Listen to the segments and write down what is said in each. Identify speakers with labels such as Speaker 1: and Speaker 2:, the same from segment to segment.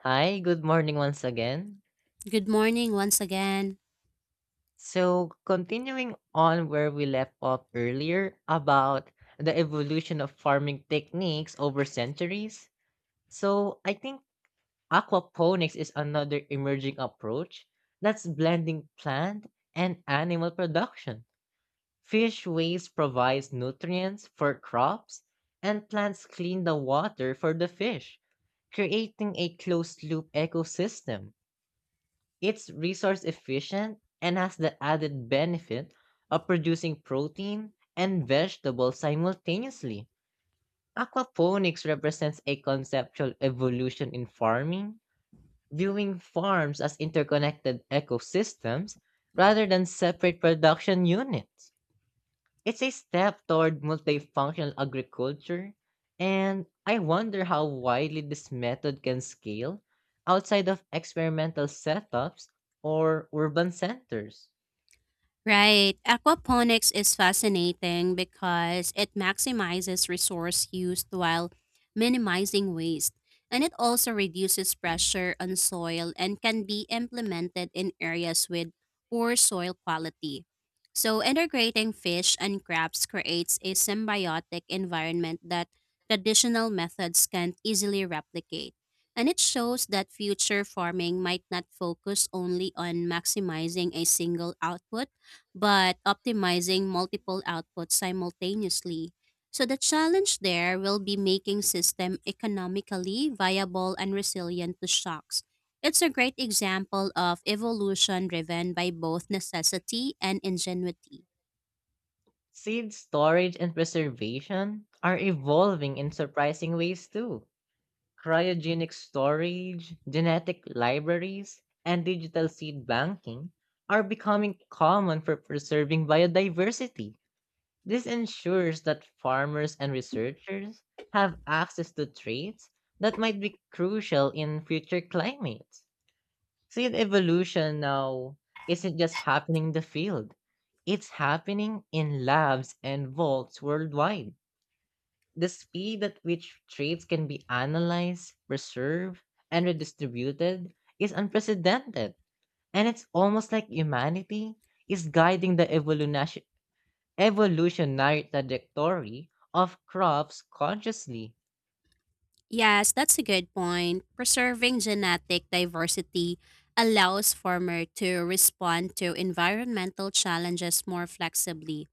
Speaker 1: Hi, good morning once again.
Speaker 2: Good morning once again.
Speaker 1: So, continuing on where we left off earlier about the evolution of farming techniques over centuries. I think aquaponics is another emerging approach that's blending plant and animal production. Fish waste provides nutrients for crops, and plants clean the water for the fish, creating a closed loop ecosystem. It's resource efficient and has the added benefit of producing protein and vegetables simultaneously. Aquaponics represents a conceptual evolution in farming, viewing farms as interconnected ecosystems rather than separate production units. It's a step toward multifunctional agriculture, and I wonder how widely this method can scale outside of experimental setups or urban centers.
Speaker 2: Right. Aquaponics is fascinating because it maximizes resource use while minimizing waste. And it also reduces pressure on soil and can be implemented in areas with poor soil quality. So, integrating fish and crabs creates a symbiotic environment that traditional methods can't easily replicate. And it shows that future farming might not focus only on maximizing a single output but optimizing multiple outputs simultaneously. So the challenge there will be making system economically viable and resilient to shocks. It's a great example of evolution driven by both necessity and ingenuity.
Speaker 1: Seed storage and preservation are evolving in surprising ways too. Cryogenic storage, genetic libraries, and digital seed banking are becoming common for preserving biodiversity. This ensures that farmers and researchers have access to traits that might be crucial in future climates. Seed evolution now isn't just happening in the field, it's happening in labs and vaults worldwide. The speed at which traits can be analyzed, preserved, and redistributed is unprecedented, and it's almost like humanity is guiding the evolutionary trajectory of crops consciously,
Speaker 2: Yes, that's a good point. Preserving genetic diversity allows farmers to respond to environmental challenges more flexibly.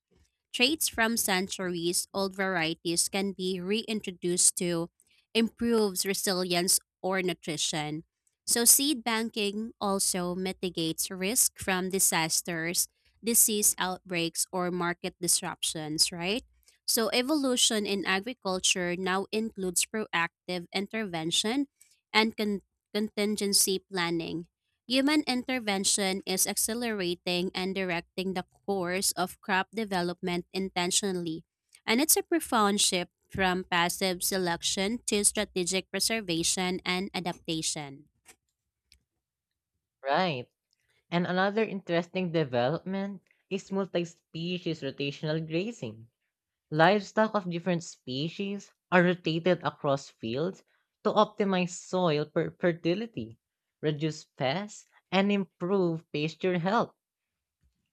Speaker 2: Traits from centuries old varieties can be reintroduced to improve resilience or nutrition. So, seed banking also mitigates risk from disasters, disease outbreaks, or market disruptions, right? So, evolution in agriculture now includes proactive intervention and contingency planning. Human intervention is accelerating and directing the course of crop development intentionally, and it's a profound shift from passive selection to strategic preservation and adaptation.
Speaker 1: right? And another interesting development is multi species rotational grazing. Livestock of different species are rotated across fields to optimize fertility, reduce pests, and improve pasture health.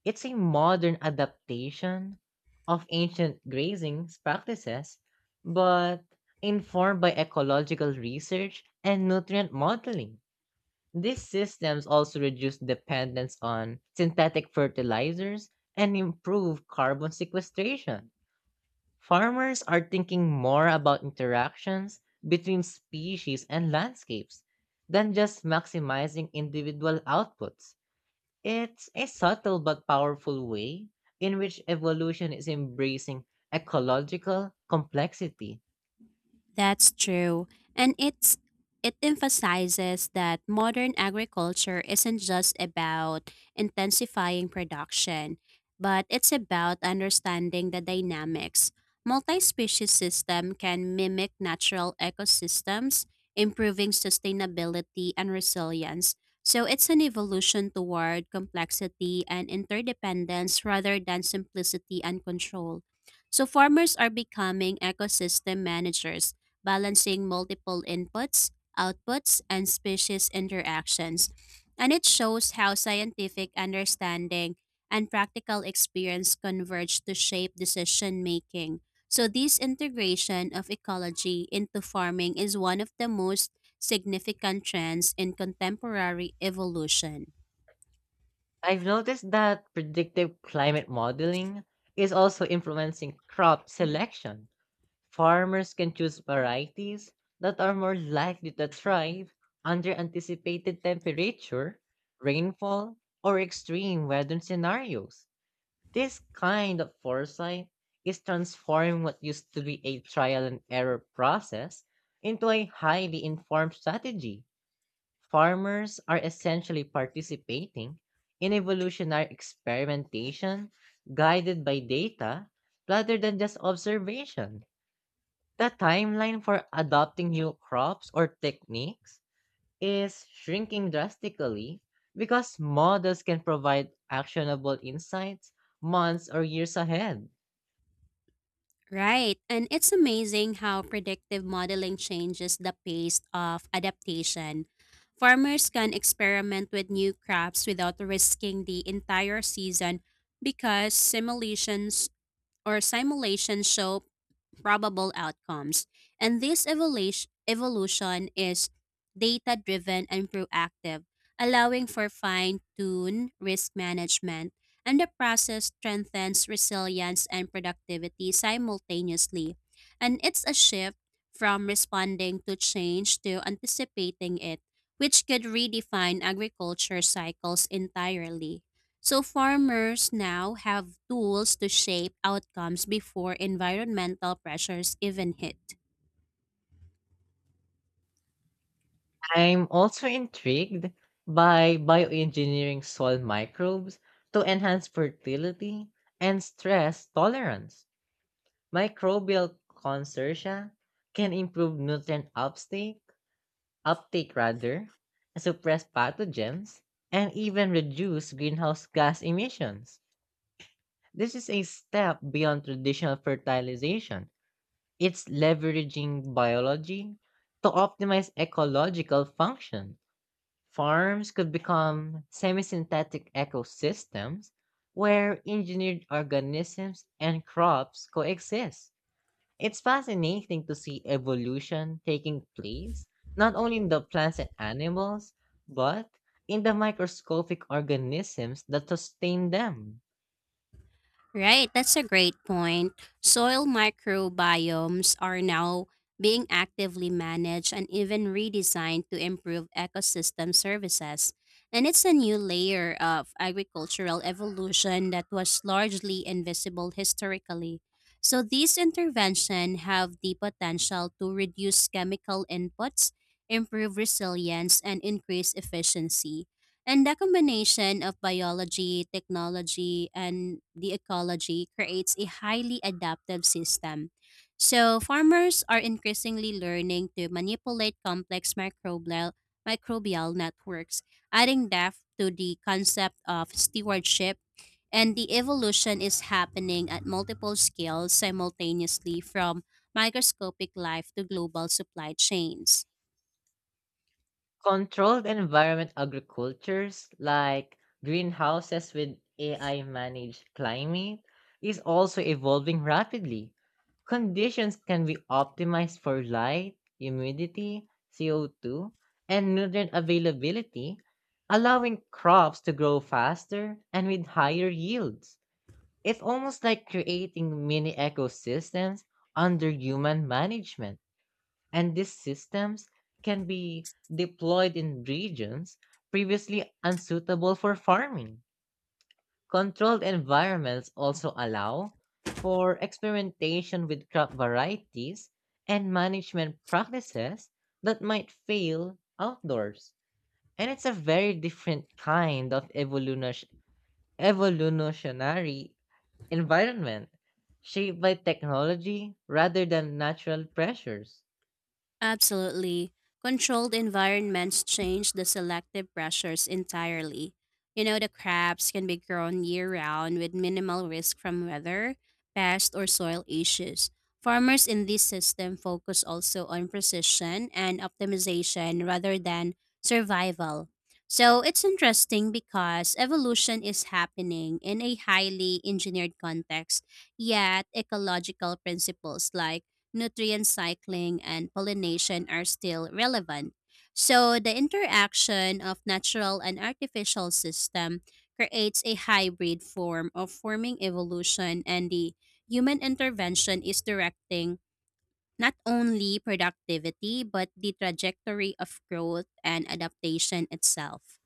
Speaker 1: It's a modern adaptation of ancient grazing practices, but informed by ecological research and nutrient modeling. These systems also reduce dependence on synthetic fertilizers and improve carbon sequestration. Farmers are thinking more about interactions between species and landscapes than just maximizing individual outputs. It's a subtle but powerful way in which evolution is embracing ecological complexity.
Speaker 2: That's true. And it's It emphasizes that modern agriculture isn't just about intensifying production, but it's about understanding the dynamics. Multi-species system can mimic natural ecosystems, improving sustainability and resilience. So it's an evolution toward complexity and interdependence rather than simplicity and control. So farmers are becoming ecosystem managers balancing multiple inputs, outputs, and species interactions. And it shows how scientific understanding and practical experience converge to shape decision making. So, this integration of ecology into farming is one of the most significant trends in contemporary evolution.
Speaker 1: I've noticed that predictive climate modeling is also influencing crop selection. Farmers can choose varieties that are more likely to thrive under anticipated temperature, rainfall, or extreme weather scenarios. This kind of foresight is transforming what used to be a trial and error process into a highly informed strategy. Farmers are essentially participating in evolutionary experimentation guided by data rather than just observation. The timeline for adopting new crops or techniques is shrinking drastically because models can provide actionable insights months or years ahead.
Speaker 2: Right. And it's amazing how predictive modeling changes the pace of adaptation. Farmers can experiment with new crops without risking the entire season because simulations show probable outcomes. And this evolution is data driven and proactive, allowing for fine tuned risk management. And the process strengthens resilience and productivity simultaneously. And it's a shift from responding to change to anticipating it, which could redefine agriculture cycles entirely. So farmers now have tools to shape outcomes before environmental pressures even hit.
Speaker 1: I'm also intrigued by bioengineering soil microbes to enhance fertility and stress tolerance. Microbial consortia can improve nutrient uptake, suppress pathogens, and even reduce greenhouse gas emissions. This is a step beyond traditional fertilization. It's leveraging biology to optimize ecological function. Farms could become semi synthetic ecosystems where engineered organisms and crops coexist. It's fascinating to see evolution taking place, not only in the plants and animals, but in the microscopic organisms that sustain them.
Speaker 2: Right, that's a great point. Soil microbiomes are now being actively managed and even redesigned to improve ecosystem services. And it's a new layer of agricultural evolution that was largely invisible historically. So these interventions have the potential to reduce chemical inputs, improve resilience, and increase efficiency. And the combination of biology, technology, and the ecology creates a highly adaptive system. So, farmers are increasingly learning to manipulate complex microbial networks, adding depth to the concept of stewardship. And the evolution is happening at multiple scales simultaneously from microscopic life to global supply chains.
Speaker 1: Controlled environment agricultures like greenhouses with AI managed climate is also evolving rapidly. Conditions can be optimized for light, humidity, CO2, and nutrient availability, allowing crops to grow faster and with higher yields. It's almost like creating mini ecosystems under human management, and these systems can be deployed in regions previously unsuitable for farming. Controlled environments also allow for experimentation with crop varieties and management practices that might fail outdoors. And it's a very different kind of evolutionary environment shaped by technology rather than natural pressures.
Speaker 2: Absolutely. Controlled environments change the selective pressures entirely. You know, the crabs can be grown year round with minimal risk from weather, pest, or soil issues. Farmers in this system focus also on precision and optimization rather than survival. So it's interesting because evolution is happening in a highly engineered context, yet ecological principles like nutrient cycling, and pollination are still relevant. So the interaction of natural and artificial system creates a hybrid form of forming evolution and the human intervention is directing not only productivity but the trajectory of growth and adaptation itself.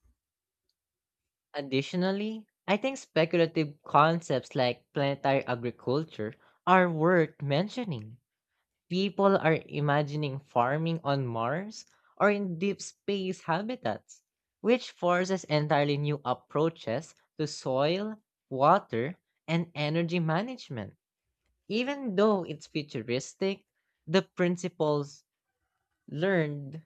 Speaker 1: Additionally, I think speculative concepts like planetary agriculture are worth mentioning. People are imagining farming on Mars or in deep space habitats, which forces entirely new approaches to soil, water, and energy management. Even though it's futuristic, the principles learned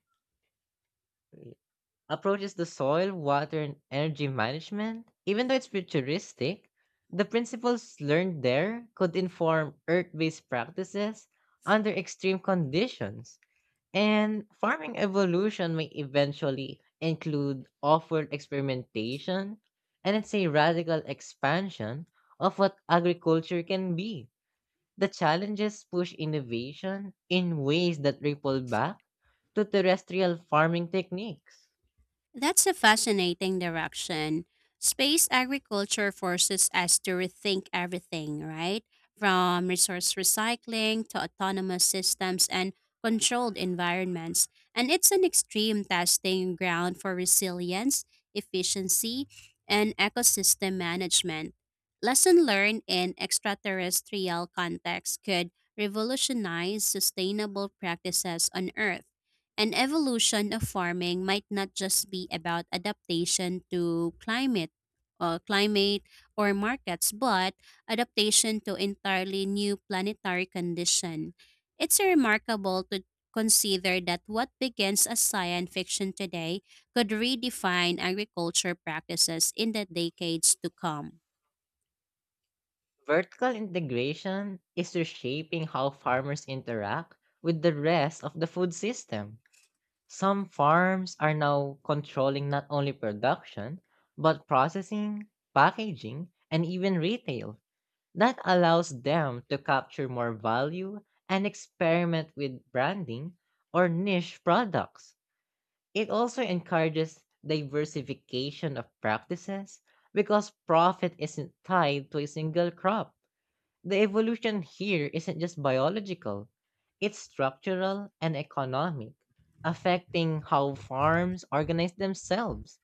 Speaker 1: approaches the soil, water, and energy management, even though it's futuristic, the principles learned there could inform earth based practices under extreme conditions. And farming evolution may eventually include off world experimentation, and it's a radical expansion of what agriculture can be. The challenges push innovation in ways that ripple back to terrestrial farming techniques.
Speaker 2: That's a fascinating direction. Space agriculture forces us to rethink everything, right? From resource recycling to autonomous systems and controlled environments. And it's an extreme testing ground for resilience, efficiency, and ecosystem management. Lesson learned in extraterrestrial contexts could revolutionize sustainable practices on Earth. An evolution of farming might not just be about adaptation to climate climate or markets, but adaptation to entirely new planetary condition. It's remarkable to consider that what begins as science fiction today could redefine agriculture practices in the decades to come.
Speaker 1: Vertical integration is reshaping how farmers interact with the rest of the food system. Some farms are now controlling not only production, but processing, packaging, and even retail. That allows them to capture more value and experiment with branding or niche products. It also encourages diversification of practices because profit isn't tied to a single crop. The evolution here isn't just biological, it's structural and economic, affecting how farms organize themselves.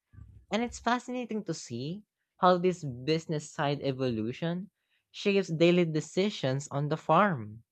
Speaker 1: And it's fascinating to see how this business side evolution shapes daily decisions on the farm.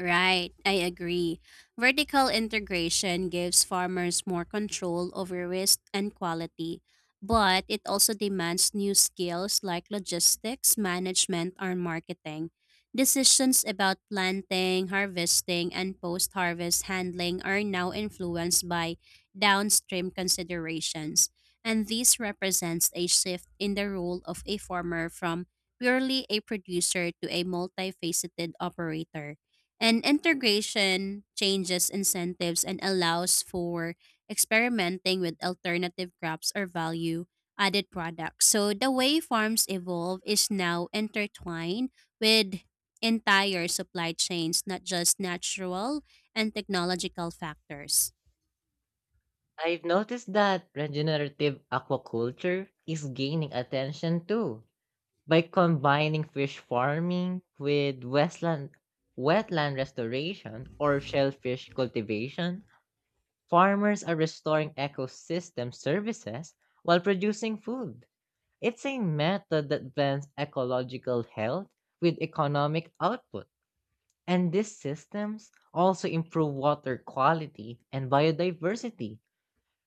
Speaker 2: Right, I agree. Vertical integration gives farmers more control over risk and quality, but it also demands new skills like logistics, management, and marketing. Decisions about planting, harvesting, and post harvest handling are now influenced by downstream considerations, and this represents a shift in the role of a farmer from purely a producer to a multifaceted operator. And integration changes incentives and allows for experimenting with alternative crops or value added products. So the way farms evolve is now intertwined with entire supply chains, not just natural and technological factors.
Speaker 1: I've noticed that regenerative aquaculture is gaining attention too. By combining fish farming with wetland restoration or shellfish cultivation, farmers are restoring ecosystem services while producing food. It's a method that blends ecological health with economic output. And these systems also improve water quality and biodiversity,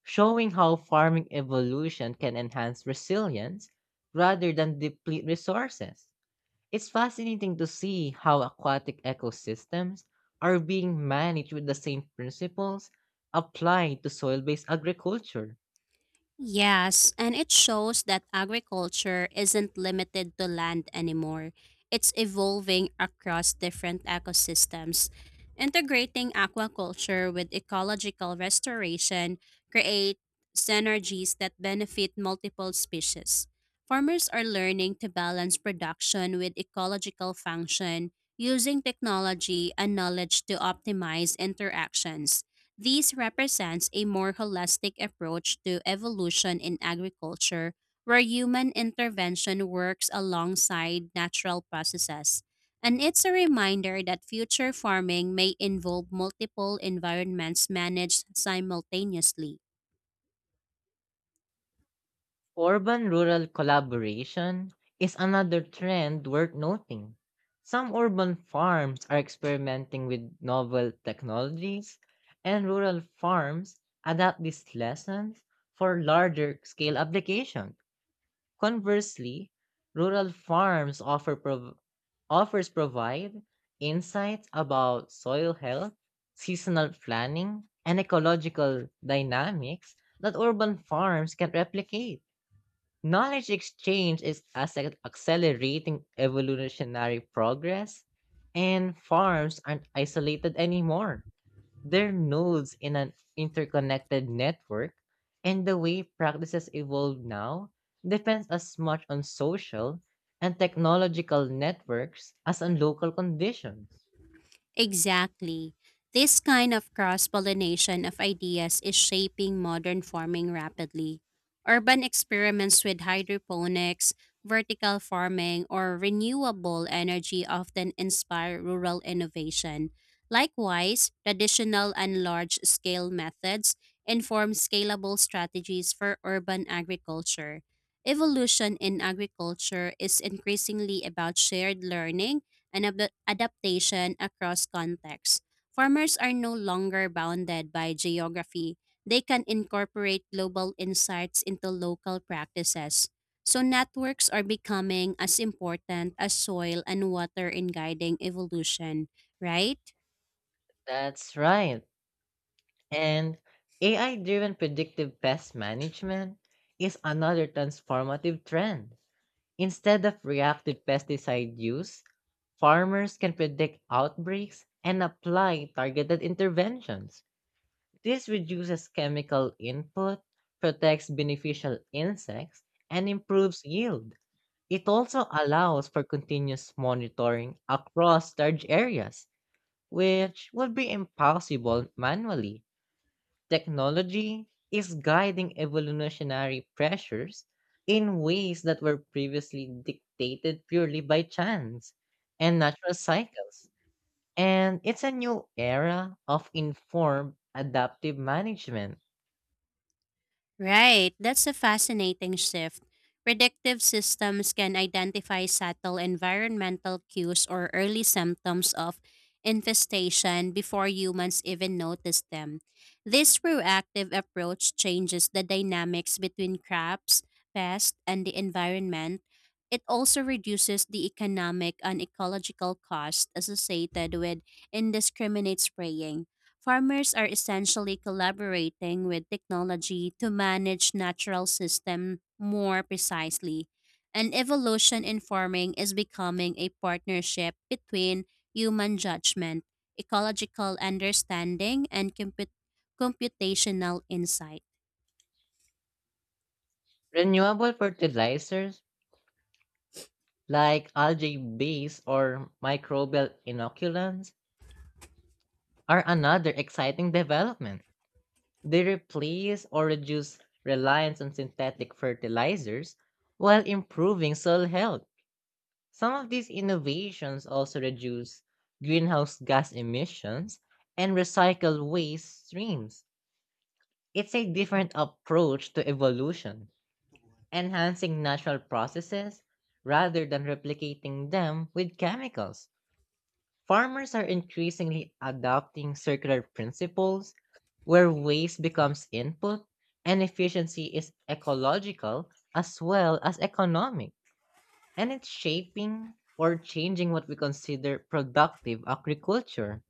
Speaker 1: showing how farming evolution can enhance resilience rather than deplete resources. It's fascinating to see how aquatic ecosystems are being managed with the same principles applied to soil based agriculture.
Speaker 2: Yes, and it shows that agriculture isn't limited to land anymore. It's evolving across different ecosystems. Integrating aquaculture with ecological restoration create synergies that benefit multiple species. Farmers are learning to balance production with ecological function using technology and knowledge to optimize interactions. This represents a more holistic approach to evolution in agriculture, where human intervention works alongside natural processes. And it's a reminder that future farming may involve multiple environments managed simultaneously.
Speaker 1: Urban rural collaboration is another trend worth noting. Some urban farms are experimenting with novel technologies, and rural farms adapt these lessons for larger scale application. Conversely, rural farms offer prov- offers provide insights about soil health, seasonal planning, and ecological dynamics that urban farms can replicate. Knowledge exchange is accelerating evolutionary progress, and farms aren't isolated anymore, their nodes in an interconnected network, and the way practices evolve now depends as much on social and technological networks as on local conditions.
Speaker 2: Exactly. This kind of cross pollination of ideas is shaping modern farming rapidly. Urban experiments with hydroponics, vertical farming, or renewable energy often inspire rural innovation. Likewise, traditional and large scale methods inform scalable strategies for urban agriculture. Evolution in agriculture is increasingly about shared learning and adaptation across contexts. Farmers are no longer bounded by geography. They can incorporate global insights into local practices. So, networks are becoming as important as soil and water in guiding evolution, right?
Speaker 1: That's right. And AI driven predictive pest management is another transformative trend. Instead of reactive pesticide use, farmers can predict outbreaks and apply targeted interventions. This reduces chemical input, protects beneficial insects, and improves yield. It also allows for continuous monitoring across large areas, which would be impossible manually. Technology is guiding evolutionary pressures in ways that were previously dictated purely by chance and natural cycles. And it's a new era of informed adaptive management.
Speaker 2: Right, that's a fascinating shift. Predictive systems can identify subtle environmental cues or early symptoms of infestation before humans even notice them. This proactive approach changes the dynamics between crops, pests, and the environment. It also reduces the economic and ecological cost associated with indiscriminate spraying farmers are essentially collaborating with technology to manage natural system more precisely. And evolution in farming is becoming a partnership between human judgment, ecological understanding, and computational insight.
Speaker 1: Renewable fertilizers like algae base or microbial inoculants are another exciting development. They replace or reduce reliance on synthetic fertilizers while improving soil health. Some of these innovations also reduce greenhouse gas emissions and recycle waste streams. It's a different approach to evolution, enhancing natural processes rather than replicating them with chemicals. Farmers are increasingly adopting circular principles where waste becomes input and efficiency is ecological as well as economic. And it's shaping or changing what we consider productive agriculture.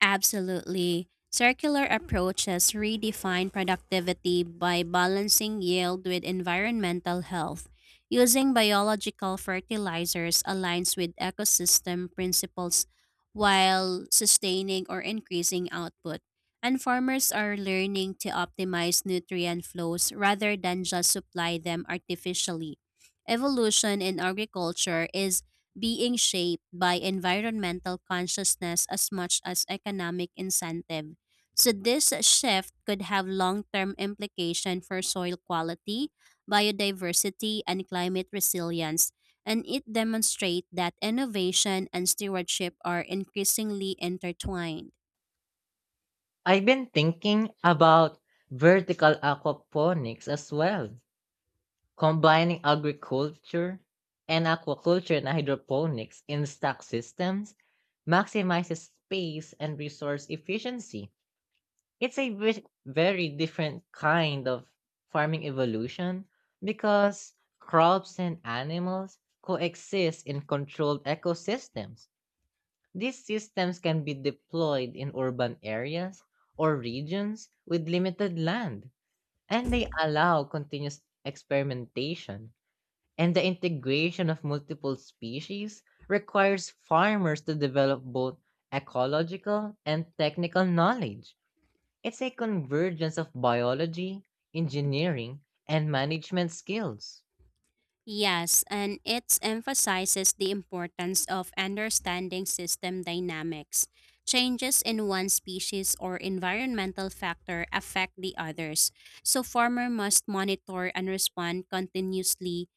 Speaker 2: Absolutely. Circular approaches redefine productivity by balancing yield with environmental health. Using biological fertilizers aligns with ecosystem principles while sustaining or increasing output. And farmers are learning to optimize nutrient flows rather than just supply them artificially. Evolution in agriculture is being shaped by environmental consciousness as much as economic incentive. So this shift could have long-term implication for soil quality, biodiversity, and climate resilience, and it demonstrates that innovation and stewardship are increasingly intertwined.
Speaker 1: I've been thinking about vertical aquaponics as well. Combining agriculture and aquaculture and hydroponics in stock systems maximizes space and resource efficiency. It's a very different kind of farming evolution because crops and animals coexist in controlled ecosystems. These systems can be deployed in urban areas or regions with limited land, and they allow continuous experimentation, and the integration of multiple species requires farmers to develop both ecological and technical knowledge. It's a convergence of biology, engineering, and management skills.
Speaker 2: Yes, and it emphasizes the importance of understanding system dynamics. Changes in one species or environmental factor affect the others, so farmer must monitor and respond continuously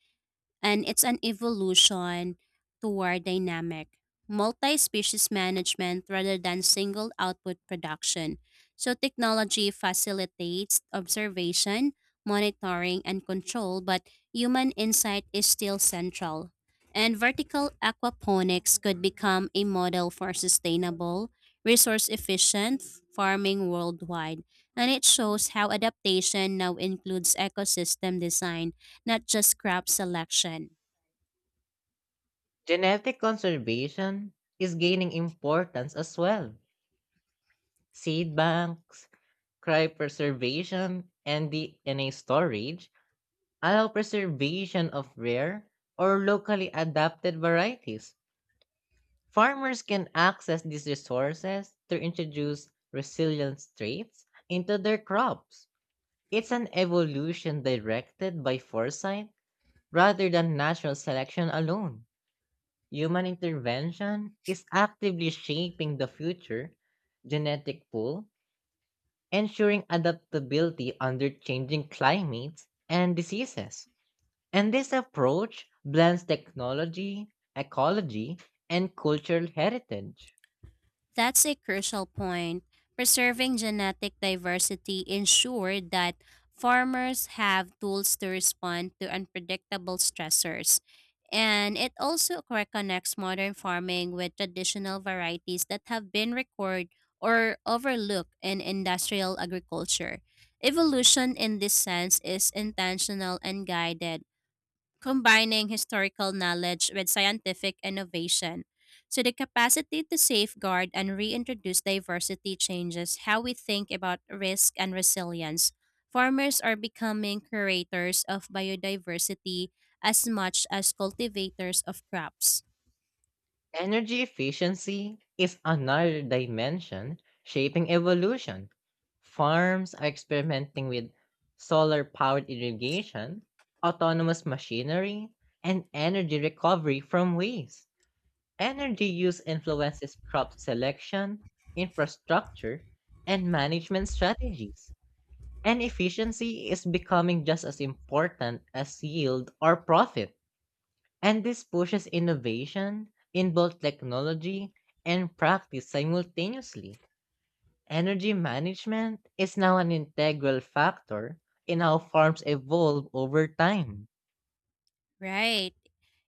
Speaker 2: and it's an evolution toward dynamic, multi species management rather than single output production. So, technology facilitates observation, monitoring, and control, but human insight is still central. And vertical aquaponics could become a model for sustainable, resource efficient farming worldwide. And it shows how adaptation now includes ecosystem design not just crop selection.
Speaker 1: Genetic conservation is gaining importance as well. Seed banks, cryopreservation, and DNA storage allow preservation of rare or locally adapted varieties. Farmers can access these resources to introduce resilience traits into their crops. It's an evolution directed by foresight rather than natural selection alone. Human intervention is actively shaping the future genetic pool, ensuring adaptability under changing climates and diseases. And this approach blends technology, ecology, and cultural heritage.
Speaker 2: That's a crucial point. Preserving genetic diversity ensured that farmers have tools to respond to unpredictable stressors. And it also reconnects modern farming with traditional varieties that have been recorded or overlooked in industrial agriculture. Evolution in this sense is intentional and guided combining historical knowledge with scientific innovation. So, the capacity to safeguard and reintroduce diversity changes how we think about risk and resilience. Farmers are becoming curators of biodiversity as much as cultivators of crops.
Speaker 1: Energy efficiency is another dimension shaping evolution. Farms are experimenting with solar powered irrigation, autonomous machinery, and energy recovery from waste. Energy use influences crop selection, infrastructure, and management strategies. And efficiency is becoming just as important as yield or profit. And this pushes innovation in both technology and practice simultaneously. Energy management is now an integral factor in how farms evolve over time.
Speaker 2: Right.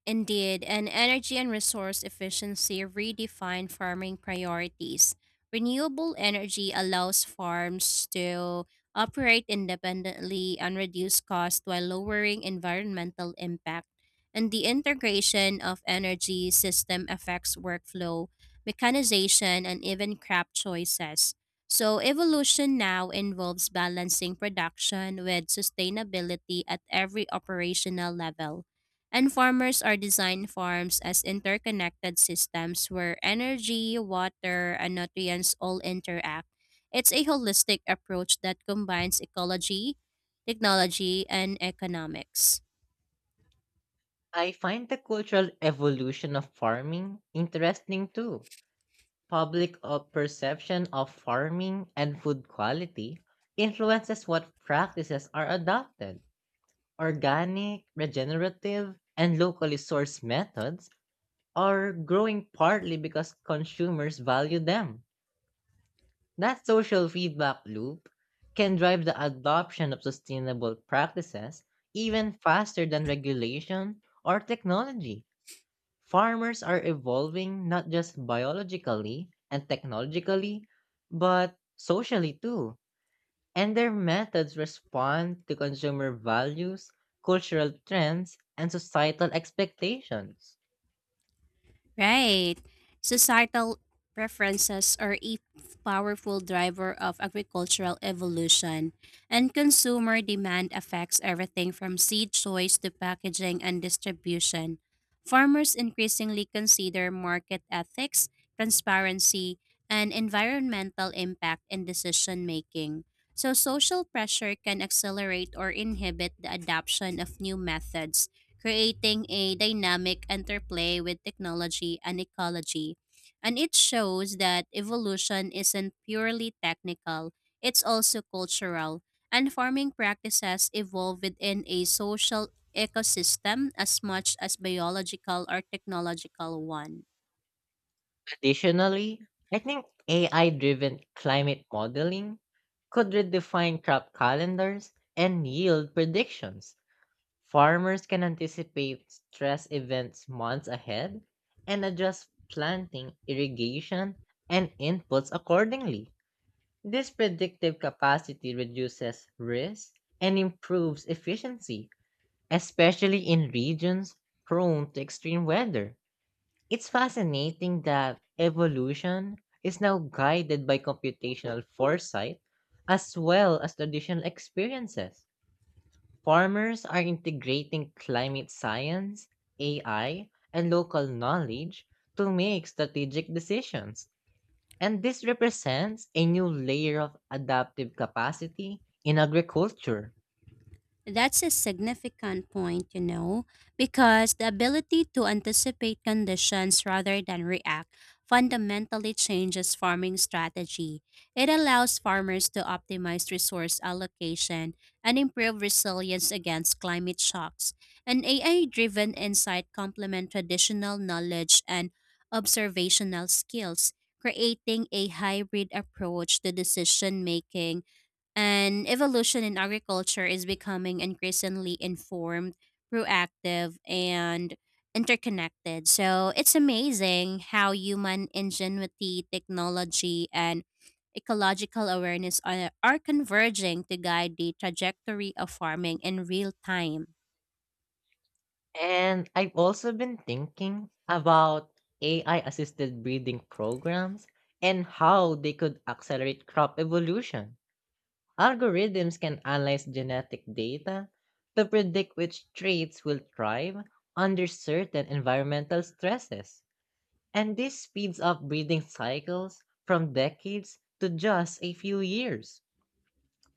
Speaker 2: Indeed, and energy and resource efficiency redefine farming priorities. Renewable energy allows farms to operate independently and reduce costs while lowering environmental impact. And the integration of energy system affects workflow, mechanization, and even crop choices. So, evolution now involves balancing production with sustainability at every operational level. And farmers are designed farms as interconnected systems where energy, water, and nutrients all interact. It's a holistic approach that combines ecology, technology, and economics.
Speaker 1: I find the cultural evolution of farming interesting too. Public of perception of farming and food quality influences what practices are adopted. Organic, regenerative, and locally sourced methods are growing partly because consumers value them. That social feedback loop can drive the adoption of sustainable practices even faster than regulation or technology. Farmers are evolving not just biologically and technologically, but socially too. And their methods respond to consumer values, cultural trends, and societal expectations.
Speaker 2: Right. Societal preferences are a powerful driver of agricultural evolution, and consumer demand affects everything from seed choice to packaging and distribution. Farmers increasingly consider market ethics, transparency, and environmental impact in decision making. So, social pressure can accelerate or inhibit the adoption of new methods creating a dynamic interplay with technology and ecology. And it shows that evolution isn't purely technical, it's also cultural. And farming practices evolve within a social ecosystem as much as biological or technological one.
Speaker 1: Additionally, I think AI driven climate modeling could redefine crop calendars and yield predictions. Farmers can anticipate stress events months ahead and adjust planting, irrigation, and inputs accordingly. This predictive capacity reduces risk and improves efficiency, especially in regions prone to extreme weather. It's fascinating that evolution is now guided by computational foresight as well as traditional experiences. Farmers are integrating climate science, AI, and local knowledge to make strategic decisions. And this represents a new layer of adaptive capacity in agriculture.
Speaker 2: That's a significant point, you know, because the ability to anticipate conditions rather than react fundamentally changes farming strategy. It allows farmers to optimize resource allocation and improve resilience against climate shocks. And AI driven insight complement traditional knowledge and observational skills, creating a hybrid approach to decision making and evolution in agriculture is becoming increasingly informed, proactive, and interconnected. So it's amazing how human ingenuity, technology, and ecological awareness are converging to guide the trajectory of farming in real time.
Speaker 1: And I've also been thinking about AI assisted breeding programs and how they could accelerate crop evolution. Algorithms can analyze genetic data to predict which traits will thrive under certain environmental stresses. And this speeds up breeding cycles from decades to just a few years.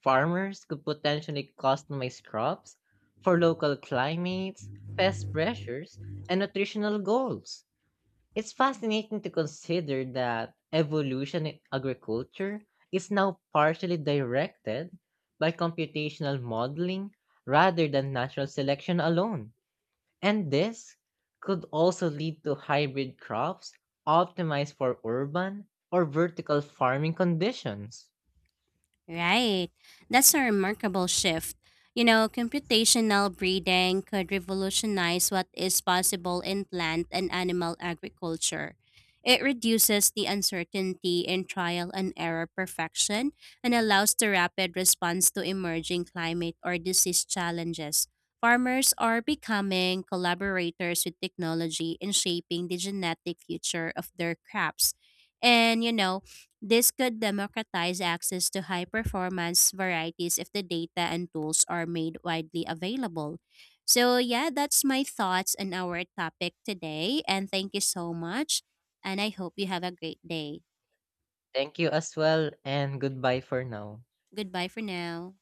Speaker 1: Farmers could potentially customize crops for local climates, pest pressures, and nutritional goals. It's fascinating to consider that evolution in agriculture is now partially directed by computational modeling rather than natural selection alone. And this could also lead to hybrid crops optimized for urban or vertical farming conditions.
Speaker 2: Right. That's a remarkable shift. You know, computational breeding could revolutionize what is possible in plant and animal agriculture. It reduces the uncertainty in trial and error perfection and allows the rapid response to emerging climate or disease challenges. Farmers are becoming collaborators with technology in shaping the genetic future of their crops. And, you know, this could democratize access to high performance varieties if the data and tools are made widely available. So, yeah, that's my thoughts on our topic today. And thank you so much. And I hope you have a great day.
Speaker 1: Thank you as well and goodbye for now.
Speaker 2: Goodbye for now.